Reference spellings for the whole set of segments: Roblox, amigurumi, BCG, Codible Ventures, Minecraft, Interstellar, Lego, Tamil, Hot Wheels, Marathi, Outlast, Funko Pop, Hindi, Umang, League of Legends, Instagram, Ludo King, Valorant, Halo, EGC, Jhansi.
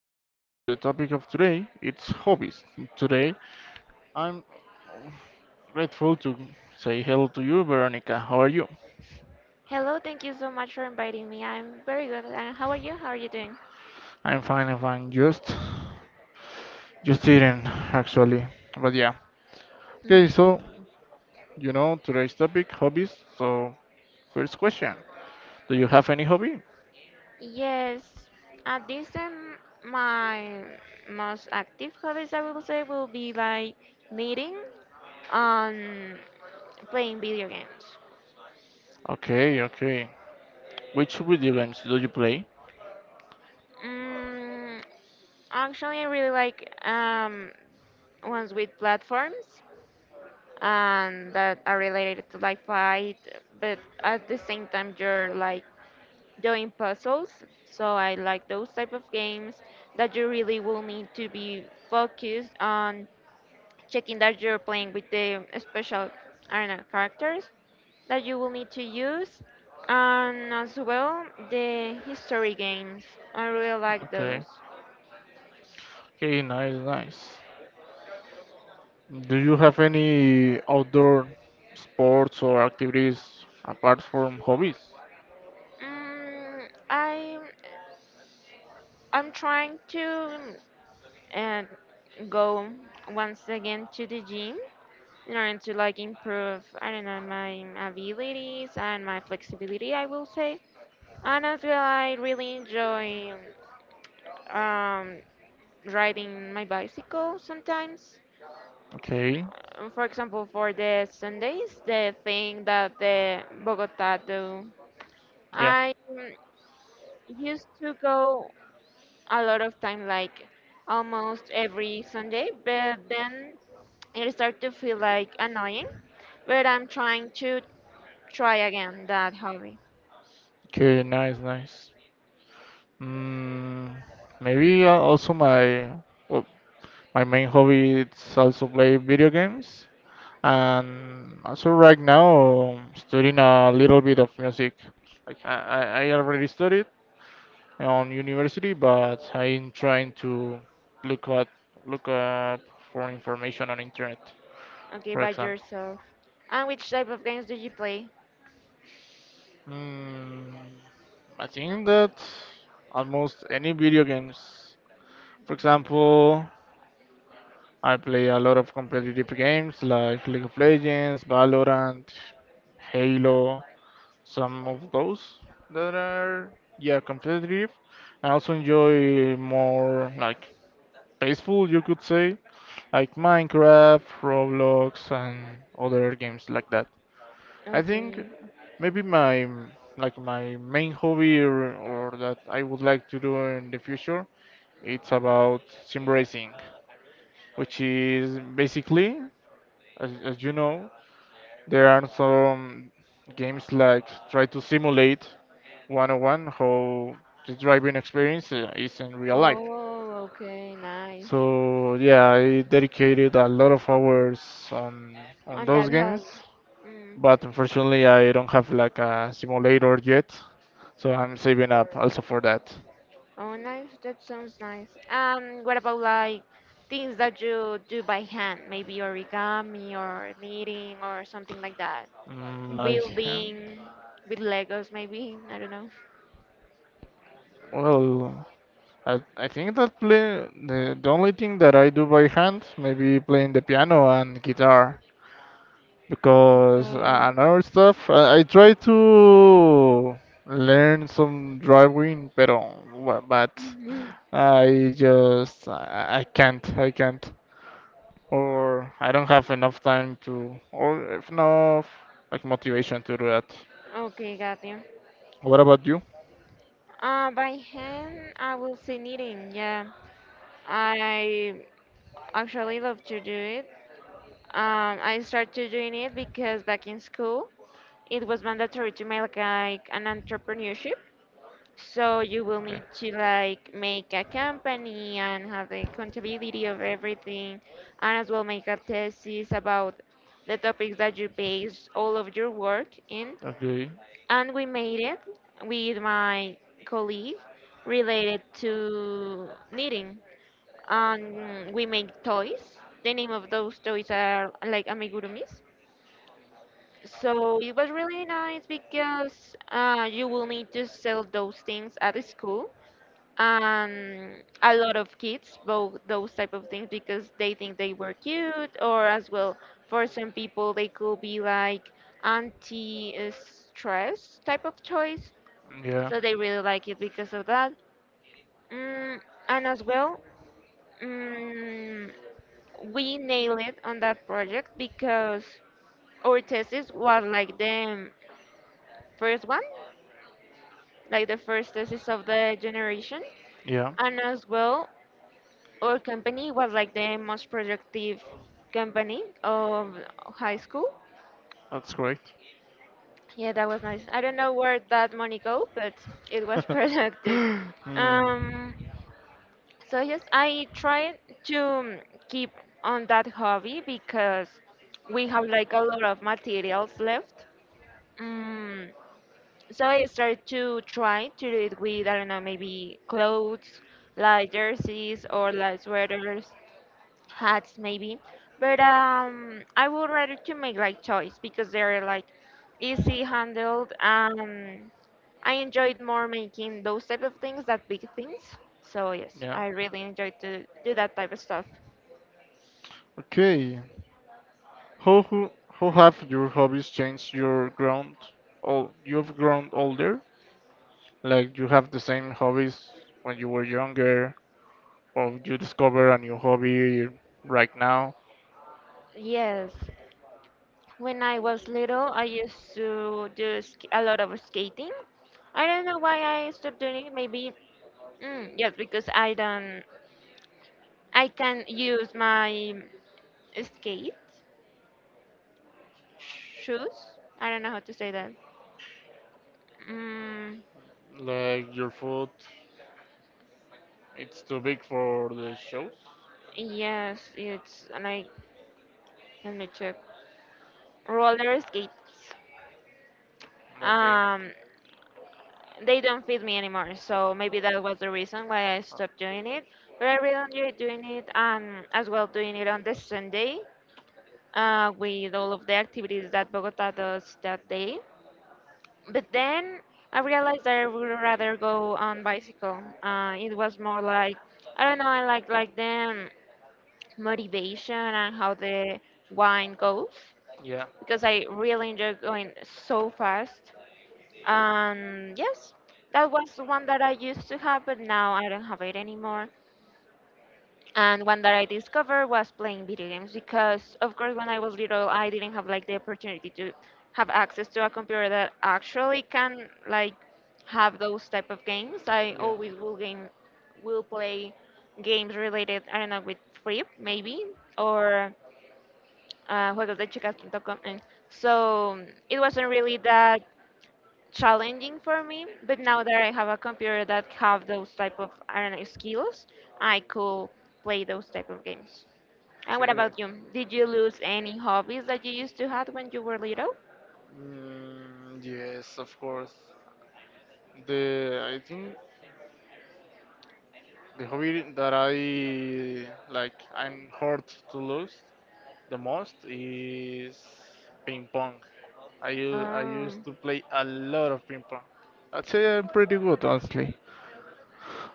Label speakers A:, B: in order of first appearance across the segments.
A: about the topic of today. It's hobbies. Today, I'm grateful to say hello to you, Veronica. How are you?
B: Hello, thank you so much for inviting me. I'm very good. And how are you? How are you doing?
A: I'm fine. I'm fine. Just eating actually. But yeah. Okay.
B: Mhm.
A: So you know today's topic, hobbies. So first question: do you have any hobby?
B: Yes, at this time, my most active hobbies, I will say, will be like knitting and playing video games.
A: Okay. Okay. Which video games do you play?
B: Mm, Actually, I really like ones with platforms and that are related to like fight, but at the same time, you're like doing puzzles. So I like those type of games that you really will need to be focused on checking that you're playing with the special, I don't know, characters that you will need to use. And as well, the history games. I really like those.
A: Okay. Okay. Nice. Nice. Do you have any outdoor sports or activities apart from hobbies?
B: Mm, I I'm trying to uh, go once again to the gym in order to like improve, I don't know, my abilities and my flexibility, I will say. And as well, I really enjoy um, riding my bicycle sometimes.
A: Okay,
B: For example, for the Sundays, the thing that the Bogota do,
A: yeah.
B: I used to go a lot of time, like almost every Sunday, but then it started to feel like annoying, but I'm trying to try again that hobby.
A: Okay, nice, nice. Mm, maybe also my well, my main hobby is also play video games, and also right now I'm studying a little bit of music. Like I already studied on university, but I'm trying to look at look up for information on internet,
B: Okay,
A: for
B: by
A: example.
B: yourself. And which type of games do you play?
A: Mm, I think that almost any video games. For example, I play a lot of competitive games like League of Legends, Valorant, Halo, some of those that are yeah competitive. I also enjoy more like peaceful, you could say, like Minecraft, Roblox, and other games like that. I
B: Okay.
A: think maybe my like my main hobby or that I would like to do in the future it's about sim racing, which is basically as you know there are some games like try to simulate 101 how the driving experience is in real life.
B: Oh, okay, nice.
A: So yeah, I dedicated a lot of hours on on
B: On
A: those
B: that
A: games,
B: hub. Mm.
A: but unfortunately I don't have like a simulator yet. So I'm saving up also for that.
B: Oh, nice. That sounds nice. What about like things that you do by hand? Maybe origami or knitting or something like that.
A: Mm, my hand.
B: Building with Legos, maybe. I don't know.
A: Well, I think that play the only thing that I do by hand, maybe playing the piano and guitar, because
B: Okay.
A: another stuff I try to learn some driving, pero but
B: Hmm.
A: I just I can't or I don't have enough time to or enough like motivation to do that.
B: Okay, got you.
A: What about you?
B: By hand, I will say knitting. Yeah, I actually love to do it. I started doing it because back in school it was mandatory to make like an entrepreneurship. So you will
A: Okay.
B: need to like make a company and have the accountability of everything, and as well make a thesis about the topics that you base all of your work in.
A: Okay.
B: And we made it with my colleague, related to knitting. And we make toys. The name of those toys are like amigurumis. So it was really nice because you will need to sell those things at the school. And a lot of kids bought those type of things because they think they were cute, or as well for some people they could be like anti-stress type of toys.
A: Yeah,
B: So they really like it because of that. Mm, and as well, mm, we nailed it on that project because our thesis was like the first one, like the first thesis of the generation.
A: yeah,
B: And as well, our company was like the most productive company of high school.
A: that's correct.
B: Yeah, that was nice. I don't know where that money go, but it was productive.
A: Hmm,
B: Um, so yes, I try to keep on that hobby because we have like a lot of materials left. Mm, So I started to try to do it with, I don't know, maybe clothes, like jerseys or like sweaters, hats maybe. But I would rather to make like toys because they're like easy handled. I enjoyed more making those type of things than big things. So yes,
A: yeah.
B: I really enjoyed to do that type of stuff.
A: Okay. How have your hobbies changed? Your oh, you've grown older. Like you have the same hobbies when you were younger, or you discover a new hobby right now.
B: Yes, when I was little, I used to do a lot of skating. I don't know why I stopped doing it. Maybe yes, because I don't, I can use my skate shoes. I don't know how to say that. Mm,
A: Like your foot, it's too big for the shoes.
B: yes, it's like, let me check. Roller skates.
A: Okay.
B: Um, they don't fit me anymore, so maybe that was the reason why I stopped doing it. But I really enjoy doing it, and as well doing it on the Sunday, with all of the activities that Bogota does that day. But then I realized that I would rather go on bicycle. It was more like, I don't know. I like the motivation and how the wine goes,
A: Yeah.
B: because I really enjoy going so fast. Yes, that was one that I used to have, but now I don't have it anymore, and one that I discovered was playing video games because, of course, when I was little, I didn't have like the opportunity to have access to a computer that actually can like have those type of games. I
A: Yeah.
B: always will play games related, I don't know, with Flip maybe or juegosdechicas.com. And so it wasn't really that challenging for me. But now that I have a computer that have those type of, I don't know, skills, I could play those type of games. And what
A: Okay.
B: about you? Did you lose any hobbies that you used to have when you were little?
A: Mm, yes, of course. The I think the hobby that I like I'm hurt to lose the most is ping pong. I used
B: Um,
A: to play a lot of ping pong. I'd say I'm pretty good, honestly.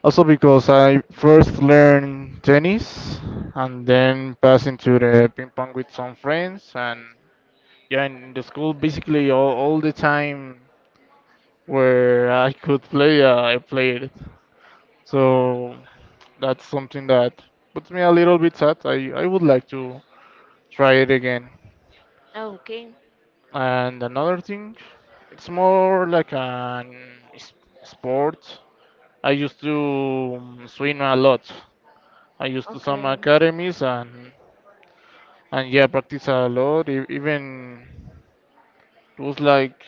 A: Also because I first learned tennis and then passed into the ping pong with some friends and yeah in the school basically all the time where I could play I played it. So that's something that puts me a little bit sad. I would like to try it again.
B: okay,
A: And another thing, it's more like an s- sport. I used to swim a lot. I used to some
B: okay.
A: academies and yeah, practice a lot. Even it was like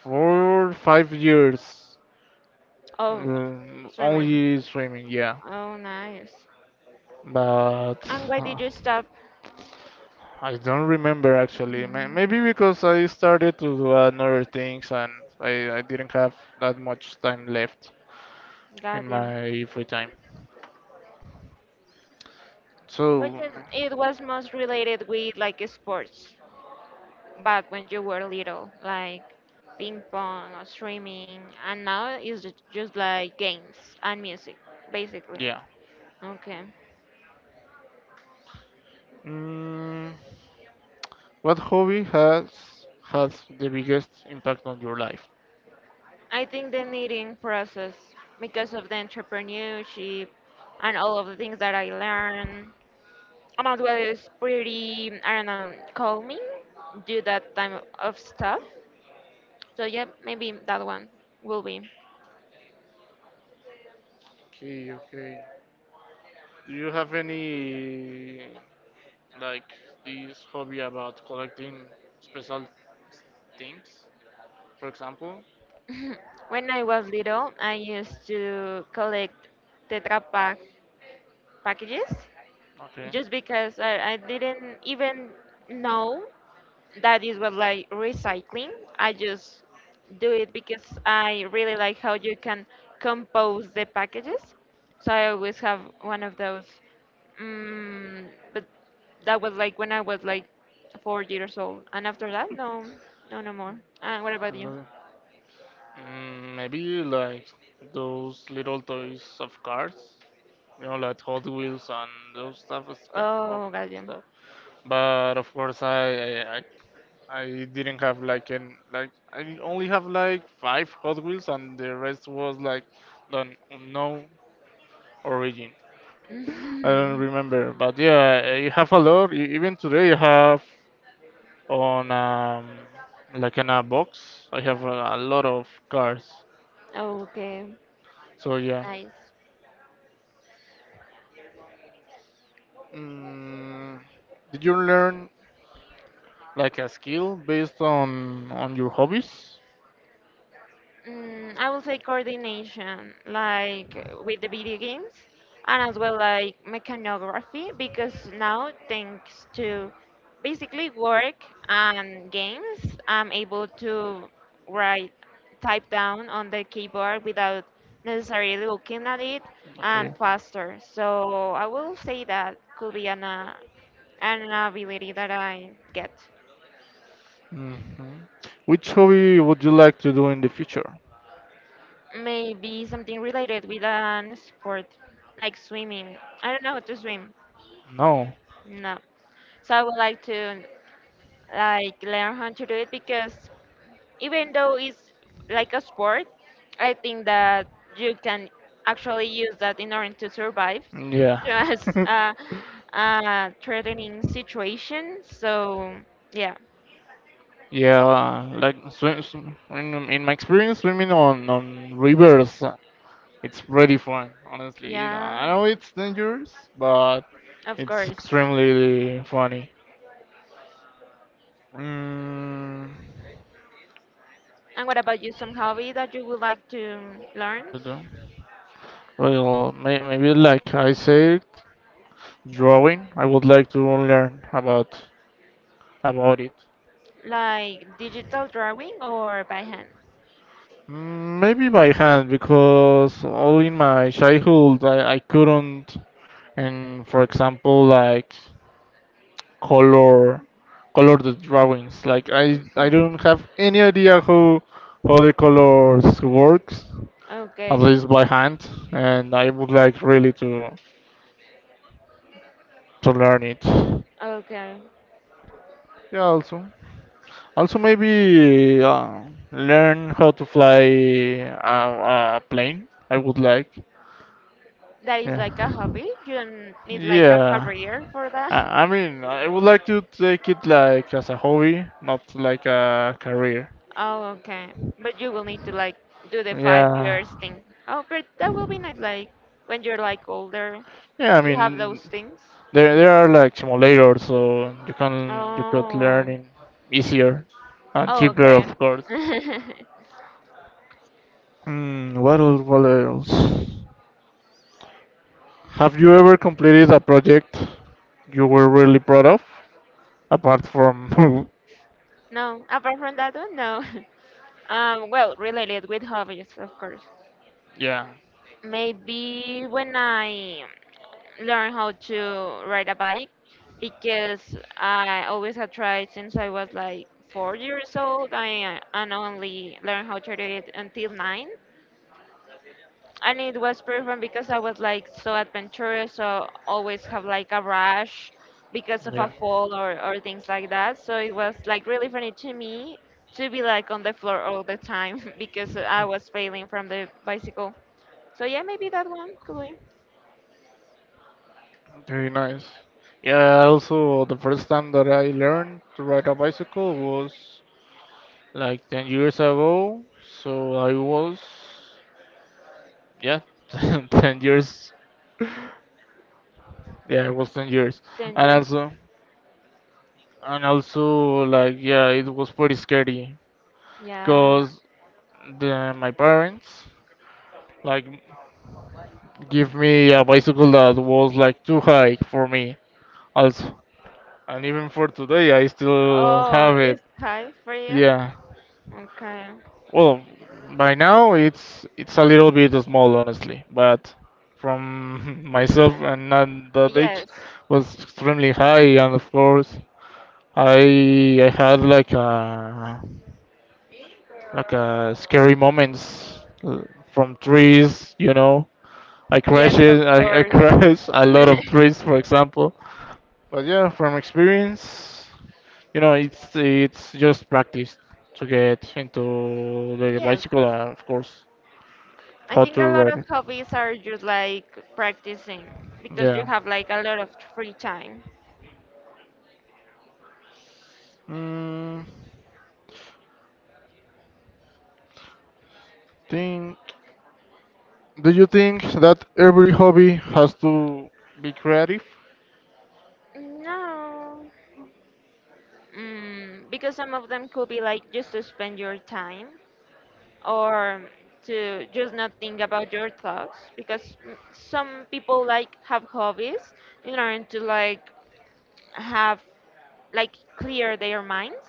A: 4, 5 years
B: Oh, swimming.
A: only swimming. Yeah,
B: Oh, nice.
A: but
B: And why did
A: uh,
B: you stop?
A: I don't remember actually. Maybe because I started to do another things and I didn't have that much time left
B: God
A: in
B: damn.
A: my free time.
B: But
A: So
B: it was most related with like sports back when you were little, like ping pong or swimming, and now it's just like games and music, basically.
A: yeah.
B: Okay.
A: Mm, what hobby has the biggest impact on your life?
B: I think the knitting process, because of the entrepreneurship and all of the things that I learned, I'm about what is pretty, I don't know, calming, do that time of stuff. So yeah, maybe that one will be.
A: Okay, okay. Do you have any like this hobby about collecting special things, for example?
B: When I was little, I used to collect Tetra Pak packages just
A: Okay.
B: because I didn't even know that is what like recycling. I just do it because I really like how you can compose the packages. So I always have one of those. Mm, but that was like when I was like 4 years old, and after that, no, no, no more. What about
A: Uh,
B: you?
A: Mm, maybe like those little toys of cars, you know, like Hot Wheels and those stuff of
B: Oh, got you.
A: stuff. But of course, I didn't have like an like I only have like 5 Hot Wheels, and the rest was like the unknown origin. I don't remember, but yeah, eh, you have a lot. Even today, I have on like in a box. I have a lot of cars,
B: Okay,
A: so yeah.
B: nice.
A: Mm, did you learn like a skill based on your hobbies?
B: I will say coordination, like with the video games, and as well like mechanography, because now thanks to basically work and games, I'm able to write, type down on the keyboard without necessarily looking at it and
A: Okay.
B: faster. So I will say that could be an ability that I get.
A: Hmm. Which hobby would you like to do in the future?
B: Maybe something related with an sport, like swimming. I don't know how to swim.
A: No.
B: No. So I would like to like learn how to do it because even though it's like a sport, I think that you can actually use that in order to survive
A: Yeah.
B: just a threatening situation. So yeah,
A: Yeah, like swim, in my experience, swimming on rivers, it's pretty fun, honestly.
B: yeah,
A: I know it's dangerous, but
B: of
A: it's
B: course.
A: extremely funny. Mm,
B: And what about you? Some hobby that you would like to learn?
A: but, well, maybe like I said, drawing. I would like to learn about it.
B: Like digital drawing or by hand?
A: Mm, maybe by hand because all in my childhood I couldn't and for example like color color the drawings like I
B: Mhm.
A: don't have any idea how the colors works at
B: Okay,
A: least by hand and I would like really to learn it
B: okay.
A: yeah also maybe learn how to fly a, a plane I would like
B: That is like a
A: yeah
B: hobby. You don't need like a
A: yeah
B: career for that.
A: I mean, I would like to take it like as a hobby, not like a career.
B: Oh, okay. But you will need to like do the five
A: Yeah,
B: years thing. Oh, but that will be nice. Like when you're like older,
A: yeah. I
B: you have
A: mean,
B: those things.
A: there are like simulators, so you could
B: Oh,
A: learn in easier and
B: oh,
A: cheaper,
B: okay.
A: of course. Hmm, what else? What else? Have you ever completed a project you were really proud of, apart from?
B: No, apart from that one, no. Well, related with hobbies, of course.
A: yeah.
B: Maybe when I learn how to ride a bike because I always had tried since I was like 4 years old. I And only learned how to do it until nine. And it was pretty fun because I was like so adventurous, so always have like a rash because of a
A: Yeah.
B: fall or things like that. So it was like really funny to me to be like on the floor all the time because I was failing from the bicycle. So yeah, maybe that one could be
A: Very nice. Yeah, also the first time that I learned to ride a bicycle was like 10 years ago. So I was, yeah, 10 years. Yeah, it was 10 years. And
B: dangerous.
A: also, and also like, yeah, it was pretty scary
B: Yeah.
A: because my parents like give me a bicycle that was like too high for me also. And even for today, I still
B: Oh,
A: have it.
B: it's high for you?
A: Yeah.
B: Okay.
A: Well, by now it's a little bit small, honestly, but from myself and at that age
B: Yes.
A: was extremely high, and of course I had like a scary moments from trees, you know. I
B: Yes,
A: crashed,
B: of
A: I
B: course.
A: crashed a lot of trees, for example. But yeah, from experience, you know, it's just practice to get into the
B: Yes,
A: bicycle, of course.
B: I
A: How
B: think a
A: to
B: lot
A: write
B: of
A: it?
B: hobbies are just like practicing because you
A: Yeah.
B: have like a lot of free time.
A: Mm, think. Do you think that every hobby has to be creative?
B: No, because some of them could be like just to spend your time or to just not think about your thoughts because some people like have hobbies in order to like have like clear their minds.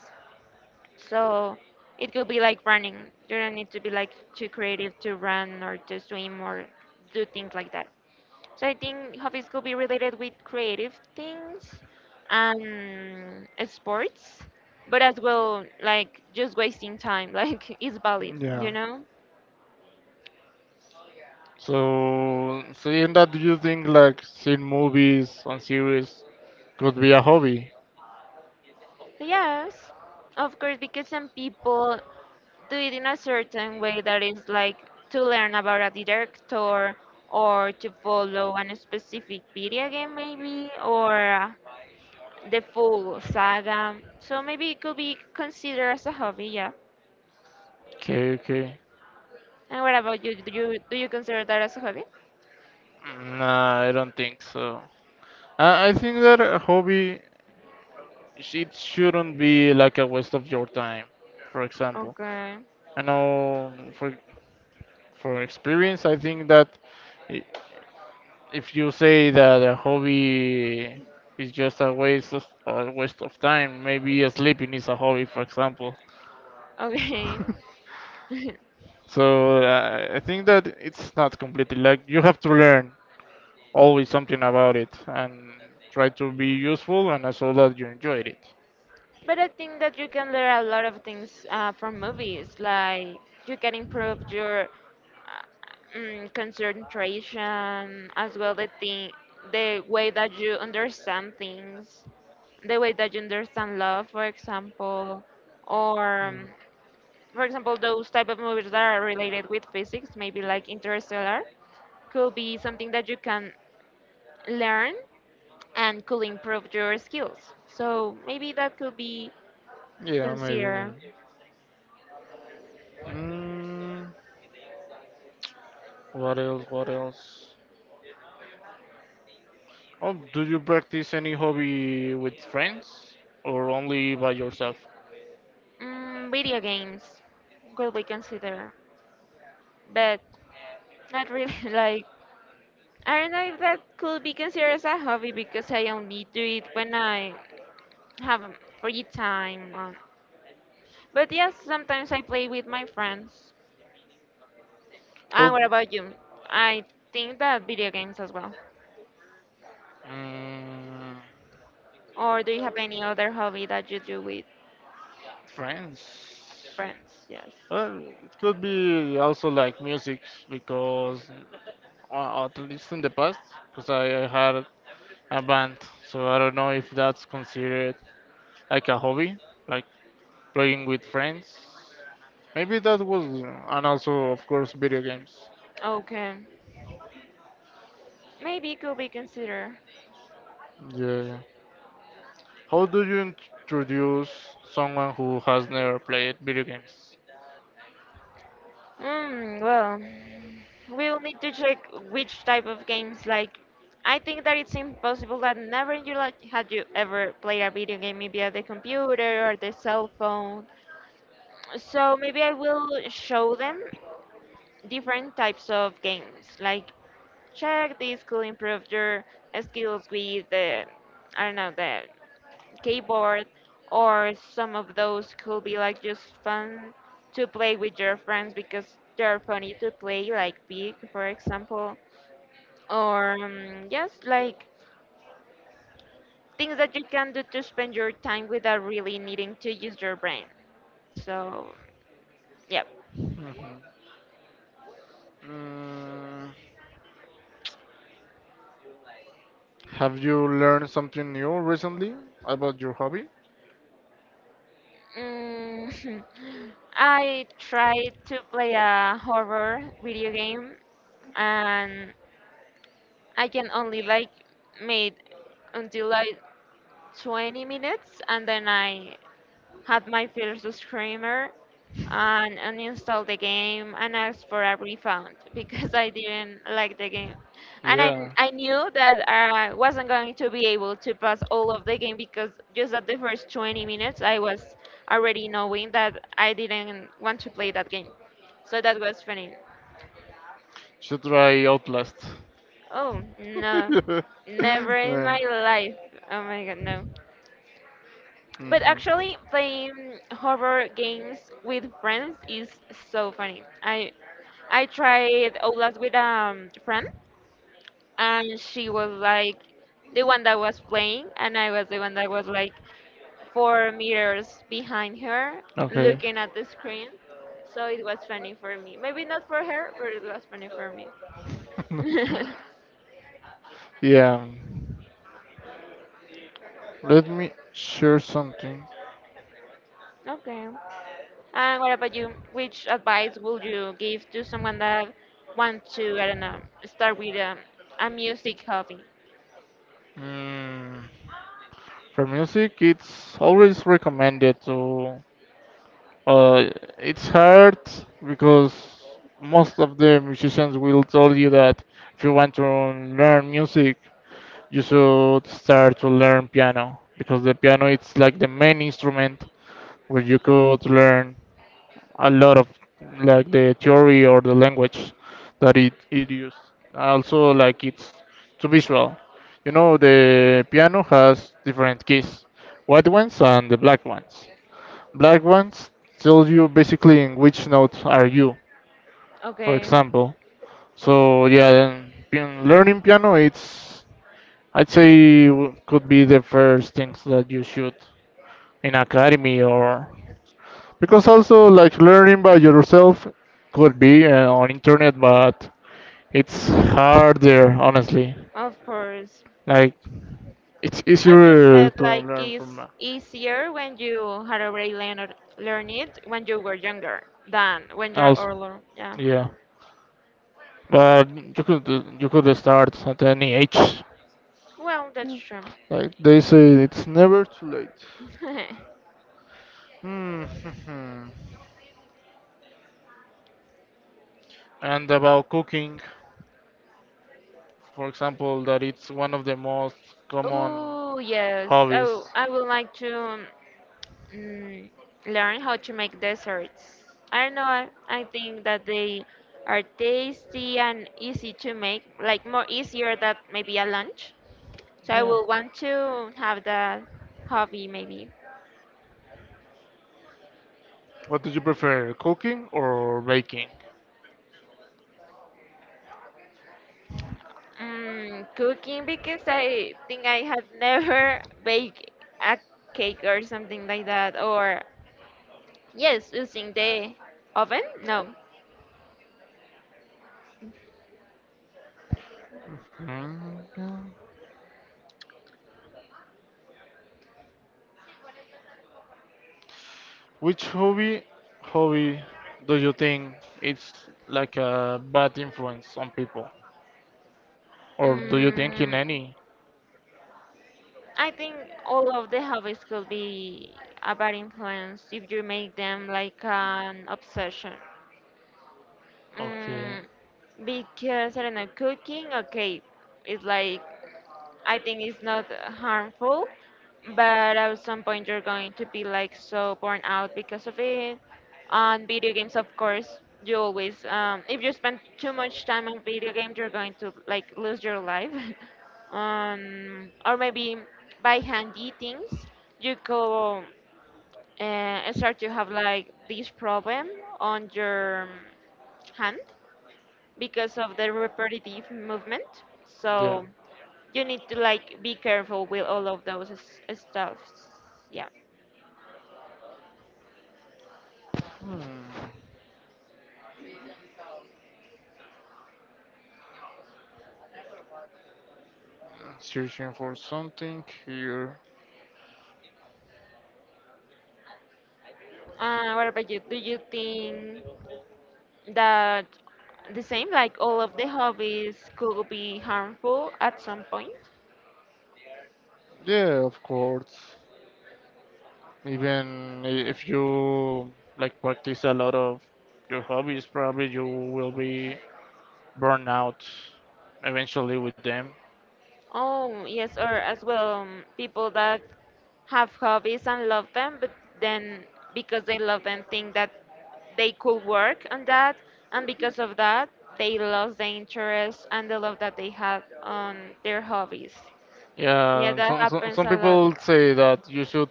B: So it could be like running. You don't need to be like too creative to run or to swim or do things like that. So I think hobbies could be related with creative things and sports, but as well like just wasting time. Like it's valid,
A: Yeah.
B: you know?
A: So seeing that, do you think like seeing movies and series could be a hobby?
B: So yes, of course, because some people do it in a certain way that is like to learn about a director or to follow a specific video game maybe or the full saga. So maybe it could be considered as a hobby, yeah.
A: Okay, okay.
B: And what about you? Do you consider that as a hobby?
A: Nah, I don't think so. I think that a hobby it shouldn't be like a waste of your time. For example,
B: Okay.
A: I know for from experience, I think that i- if you say that a hobby is just a waste of time, maybe sleeping is a hobby, for example.
B: Okay.
A: So I think that it's not completely like you have to learn always something about it and try to be useful and also that you enjoyed it.
B: But I think that you can learn a lot of things from movies. Like you can improve your concentration, as well the thing, the way that you understand things, the way that you understand love, for example, or for example those type of movies that are related with physics, maybe like Interstellar, could be something that you can learn and could improve your skills. So maybe that could be
A: Yeah, maybe.
B: considered.
A: Maybe. Mm, what else? What else? Oh, do you practice any hobby with friends or only by yourself?
B: Video games could be considered, but not really. Like, I don't know if that could be considered as a hobby because I only do it when I have free time. On. But yes, sometimes I play with my friends. And
A: How
B: what about you? I think that video games as well.
A: Mm,
B: Or do you have any other hobby that you do with
A: friends.
B: friends? Yes.
A: Well, it could be also like music because at least in the past, because I had a band, so I don't know if that's considered like a hobby, like playing with friends. Maybe that was, and also of course video games.
B: Okay. Maybe it could be considered.
A: Yeah. Yeah. How do you introduce someone who has never played video games?
B: Well, we'll need to check which type of games. I think that it's impossible that never in your life had you ever played a video game, maybe at the computer or the cell phone. So maybe I will show them different types of games. Check this could improve your skills with the, I don't know, the keyboard, or some of those could be like just fun to play with your friends because they're funny to play, like Pig, for example, or yes, like things that you can do to spend your time without really needing to use your brain. So, yeah.
A: Mhm. Mm, have you learned something new recently about your hobby?
B: Mm, I tried to play a horror video game and I can only like made until like 20 minutes and then I had my first screamer and uninstalled the game and asked for a refund because I didn't like the game. And I,
A: Yeah.
B: I knew that I wasn't going to be able to pass all of the game because just at the first 20 minutes I was already knowing that I didn't want to play that game. So that was funny.
A: Should try Outlast.
B: Oh, no. Never in
A: Yeah.
B: my life. Oh my god, no. But
A: Mhm.
B: actually, playing horror games with friends is so funny. I tried Outlast with a friend, and she was like the one that was playing, and I was the one that was like four meters behind her,
A: Okay.
B: looking at the screen. So it was funny for me. Maybe not for her, but it was funny for me.
A: yeah. Let me share something.
B: Okay. And what about you? Which advice would you give to someone that wants to, I don't know, start with a music hobby?
A: Mm, for music, it's always recommended to. Uh, it's hard because most of the musicians will tell you that if you want to learn music, you should start to learn piano because the piano it's like the main instrument where you could learn a lot of like the theory or the language that it used. Also, like it's too visual. You know, the piano has different keys, white ones and the black ones. Black ones tell you basically in which note are you, for
B: Okay,
A: example. So yeah, then learning piano, it's I'd say could be the first things that you should in academy or because also like learning by yourself could be on internet, but it's harder, honestly.
B: of course.
A: Like it's
B: I just
A: easier
B: said
A: to
B: like
A: learn from
B: it's easier when you had already learned learn it when you were younger than when you're
A: also,
B: older. Yeah.
A: yeah. But you could start at any age.
B: Well, that's true.
A: Like they say, it's never too late. Hmm. And about cooking, for example, that it's one of the most common
B: Oh yes,
A: hobbies.
B: oh, I would like to. mm, learn how to make desserts. I don't know, I think that they are tasty and easy to make, like more easier than maybe a lunch. So I
A: Yeah.
B: will want to have that hobby maybe.
A: What do you prefer, cooking or baking?
B: Cooking because I think I have never baked a cake or something like that. Or yes, using the oven? No.
A: Mm, which hobby do you think it's like a bad influence on people? Or do you think in
B: Mm,
A: any?
B: I think all of the hobbies could be a bad influence if you make them like an obsession.
A: Okay,
B: Mm, because I don't know, cooking, okay, it's like I think it's not harmful, but at some point you're going to be like so burnt out because of it. On video games, of course, you always, if you spend too much time on video games, you're going to like lose your life. Or maybe by handy things, you go start to have like this problem on your hand because of the repetitive movement.
A: yeah.
B: So you need to like be careful with all of those stuffs. Yeah.
A: Hmm. Searching for something here.
B: What about you? Do you think that the same, like all of the hobbies, could be harmful at some point?
A: Yeah, of course. Even if you like practice a lot of your hobbies, probably you will be burned out eventually with them.
B: Oh, yes, or as well, people that have hobbies and love them, but then because they love them, think that they could work on that, and because of that, they lost the interest and the love that they had on their hobbies. Yeah,
A: Yeah,
B: that happens
A: some
B: a lot.
A: people say that you should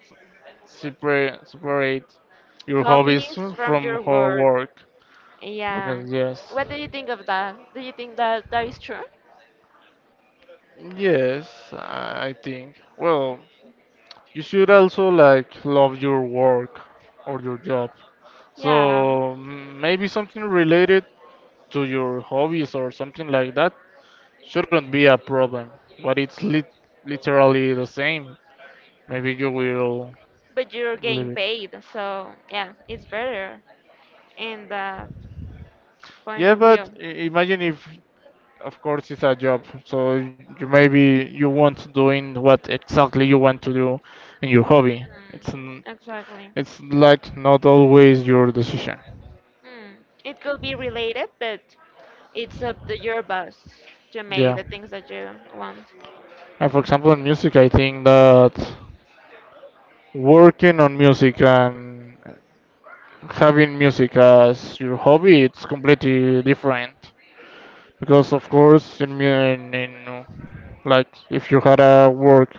A: separate your hobbies
B: Hobbies from
A: from
B: your
A: your
B: work.
A: work
B: Yeah.
A: because yes,
B: What do you think of that? Do you think that that is true?
A: yes, I think. Well, you should also like love your work or your job. So
B: Yeah,
A: mm, maybe something related to your hobbies or something like that shouldn't be a problem, but it's literally the same. Maybe you will
B: but you're
A: leave
B: getting
A: it.
B: paid, so yeah, it's better in that point
A: Yeah,
B: of
A: but
B: view.
A: imagine if of course, it's a job, so you maybe you want doing what exactly you want to do in your hobby.
B: Mm, exactly.
A: It's like not always your decision.
B: Mm. It could be related, but it's up to your boss to make
A: Yeah.
B: the things that you want.
A: And for example, in music, I think that working on music and having music as your hobby, it's completely different. Because of course, in like if you had a work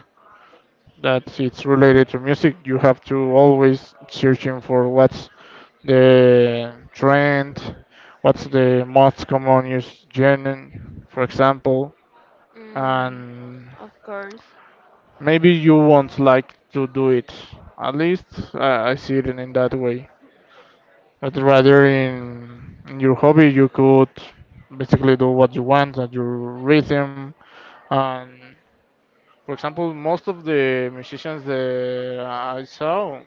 A: that it's related to music, you have to always searching for what's the trend, what's the most common use journey, for example,
B: Mm,
A: and
B: of course.
A: maybe you won't like to do it. At least I see it in that way. But rather in your hobby, you could basically do what you want at your rhythm. And for example, most of the musicians that I saw,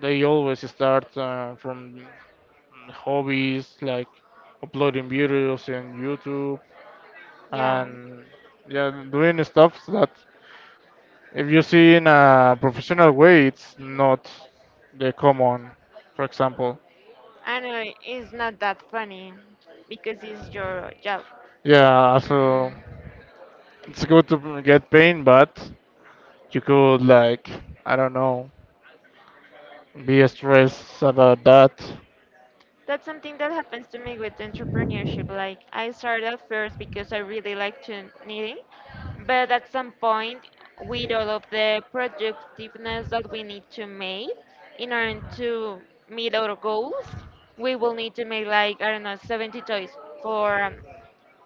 A: they always start from hobbies like uploading videos in YouTube
B: Yeah.
A: and yeah, doing stuff that if you see in a professional way, it's not the common. For example,
B: I know it's not that funny because it's your job.
A: yeah, so
B: Mm.
A: it's good to get pain, but you could like I don't know, be stressed about that.
B: That's something that happens to me with entrepreneurship. Like I started at first because I really like to knitting, but at some point, with all of the productiveness that we need to make in order to meet our goals, we will need to make like I don't know 70 toys for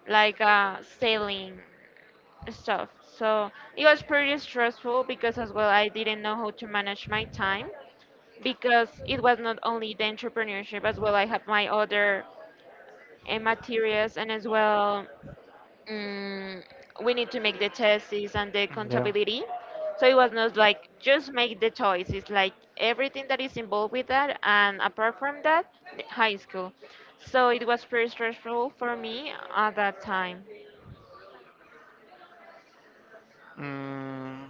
B: like selling stuff. So it was pretty stressful because as well I didn't know how to manage my time because it was not only the entrepreneurship as well I had my other and materials and as well mm we need to make the tests and the
A: Yeah.
B: accountability so it was not like just make the choice, it's like everything that is involved with that and apart from that the high school, so it was pretty stressful for me at that time.
A: Mm,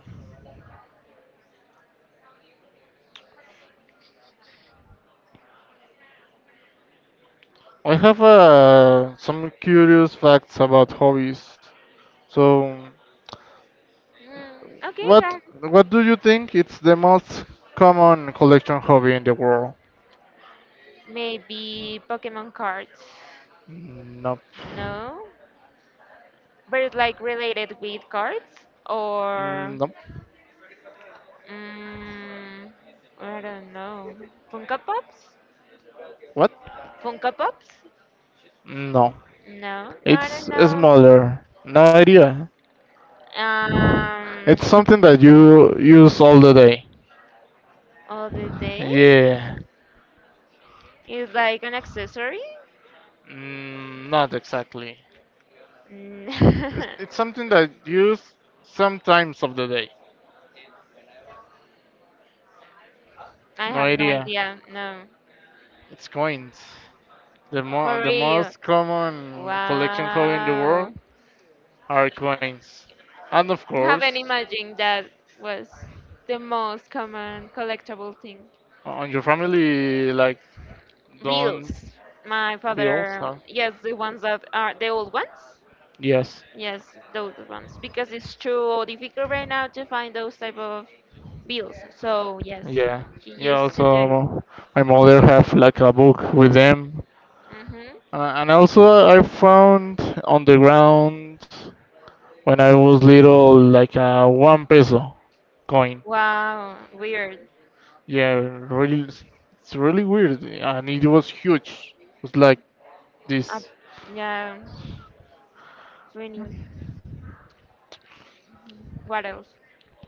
A: I have some curious facts about hobbies. So,
B: Hmm, okay
A: what
B: guys,
A: what do you think it's the most common collection hobby in the world?
B: maybe pokemon cards.
A: Nope.
B: No, but it's like related with cards or
A: Mm, nope.
B: mm, I don't know. Funko Pops?
A: What?
B: Funko Pops?
A: No.
B: No, no, I don't
A: It's
B: know.
A: smaller. No idea. It's
B: Um,
A: something that you use all the day.
B: all the day
A: Yeah.
B: is like an accessory.
A: Mm, not exactly.
B: Mm,
A: It's something that you use sometimes of the day.
B: I
A: No
B: have no
A: idea.
B: idea. No,
A: It's coins. The mo-
B: for
A: the
B: real.
A: most common collection hobby in the world
B: Wow,
A: are coins. And of
B: I haven't
A: course,
B: imagined that was the most common collectible thing.
A: on your family like don't
B: Bills. My
A: bills,
B: father,
A: huh?
B: yes, the ones that are the old ones.
A: Yes.
B: Yes, those ones because it's too difficult right now to find those type of bills. So yes,
A: Yeah.
B: he
A: Yeah,
B: used to do it.
A: also my mother have like a book with them.
B: Hmm.
A: And also, I found on the ground when I was little like a 1 peso coin.
B: Wow, weird.
A: Yeah, really, it's really weird, and it was huge. It was like
B: Uh,
A: this.
B: yeah, funny. What else?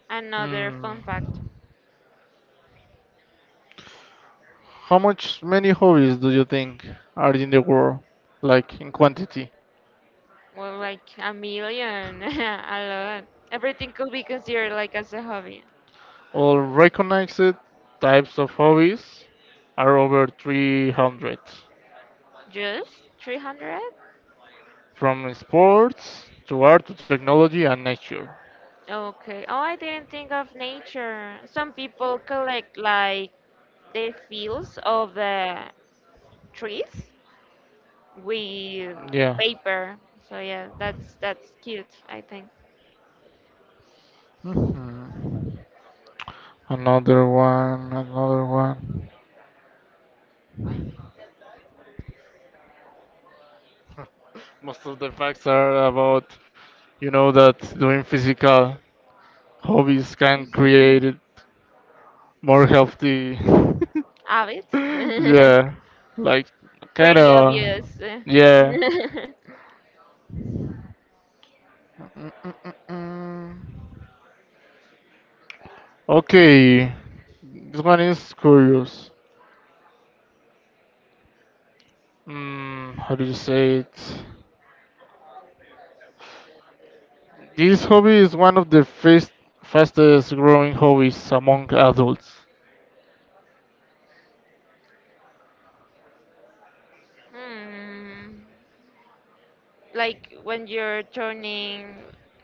B: Another
A: Mm.
B: fun fact.
A: How much many hobbies do you think are in the world, like in quantity?
B: Well, like a million, a lot. Everything could be considered like as a hobby.
A: All recognized types of hobbies are over 300,
B: Just 300?
A: from sports to art to technology and nature.
B: Okay. Oh, I didn't think of nature. Some people collect like the fields of the trees with
A: Yeah.
B: paper. So yeah, that's cute, I think.
A: Mhm. Another one, another one. Most of the facts are about, you know, that doing physical hobbies can create more healthy.
B: Habits?
A: yeah, like kind
B: Pretty
A: of.
B: obvious.
A: Yeah. Mm, mm, mm, mm. Okay, this one is curious. Mm, how do you say it? This hobby is one of the fastest growing hobbies among adults.
B: Hmm. Like when you're turning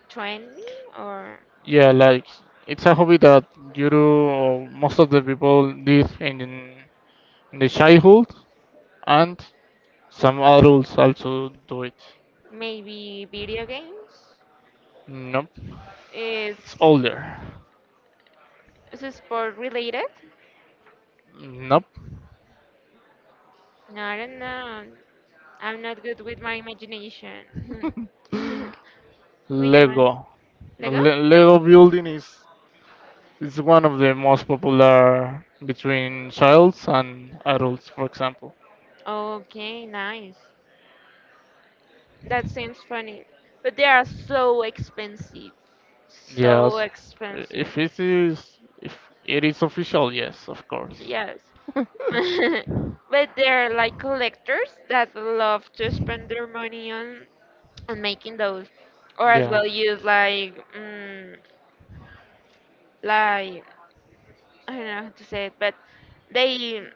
B: 20 or
A: Yeah, like it's a hobby that you do. Or most of the people live in the childhood, and some adults also do it.
B: maybe video games?
A: Nope,
B: Is,
A: it's older.
B: is it sport related?
A: Nope,
B: No, I don't know. I'm not good with my imagination. Which one?
A: Lego.
B: Lego?
A: Lego building is one of the most popular between childs and adults, for example.
B: Okay, nice. That seems funny. But they are so expensive. So
A: Yes,
B: expensive.
A: if it is official, yes, of course.
B: Yes. But they're like collectors that love to spend their money on making those, or as
A: yeah,
B: well use like like I don't know how to say it, but they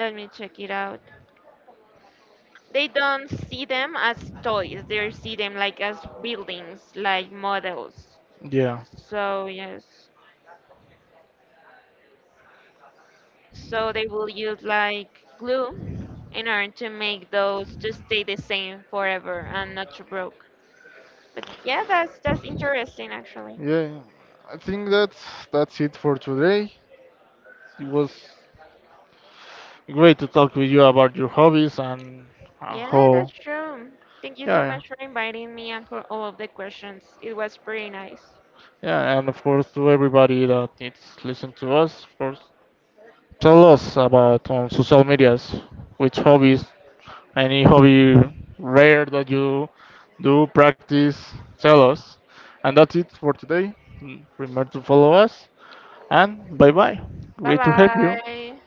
B: let me check it out. They don't see them as toys. They see them like as buildings, like models.
A: yeah.
B: So yes, so they will use like glue in order to make those to stay the same forever and not to broke. But yeah, that's interesting actually.
A: Yeah, yeah. I think that's it for today. It was great to talk with you about your hobbies and
B: Yeah, that's
A: how
B: true. Thank you
A: yeah,
B: so much for inviting me and for all of the questions. It was pretty nice.
A: yeah and of course to everybody that needs to listen to us. Of course, tell us about on social medias which hobbies, any hobby rare that you do practice. Tell us, and that's it for today. Mm, remember to follow us and bye bye.
B: Bye
A: Great to have you.
B: bye.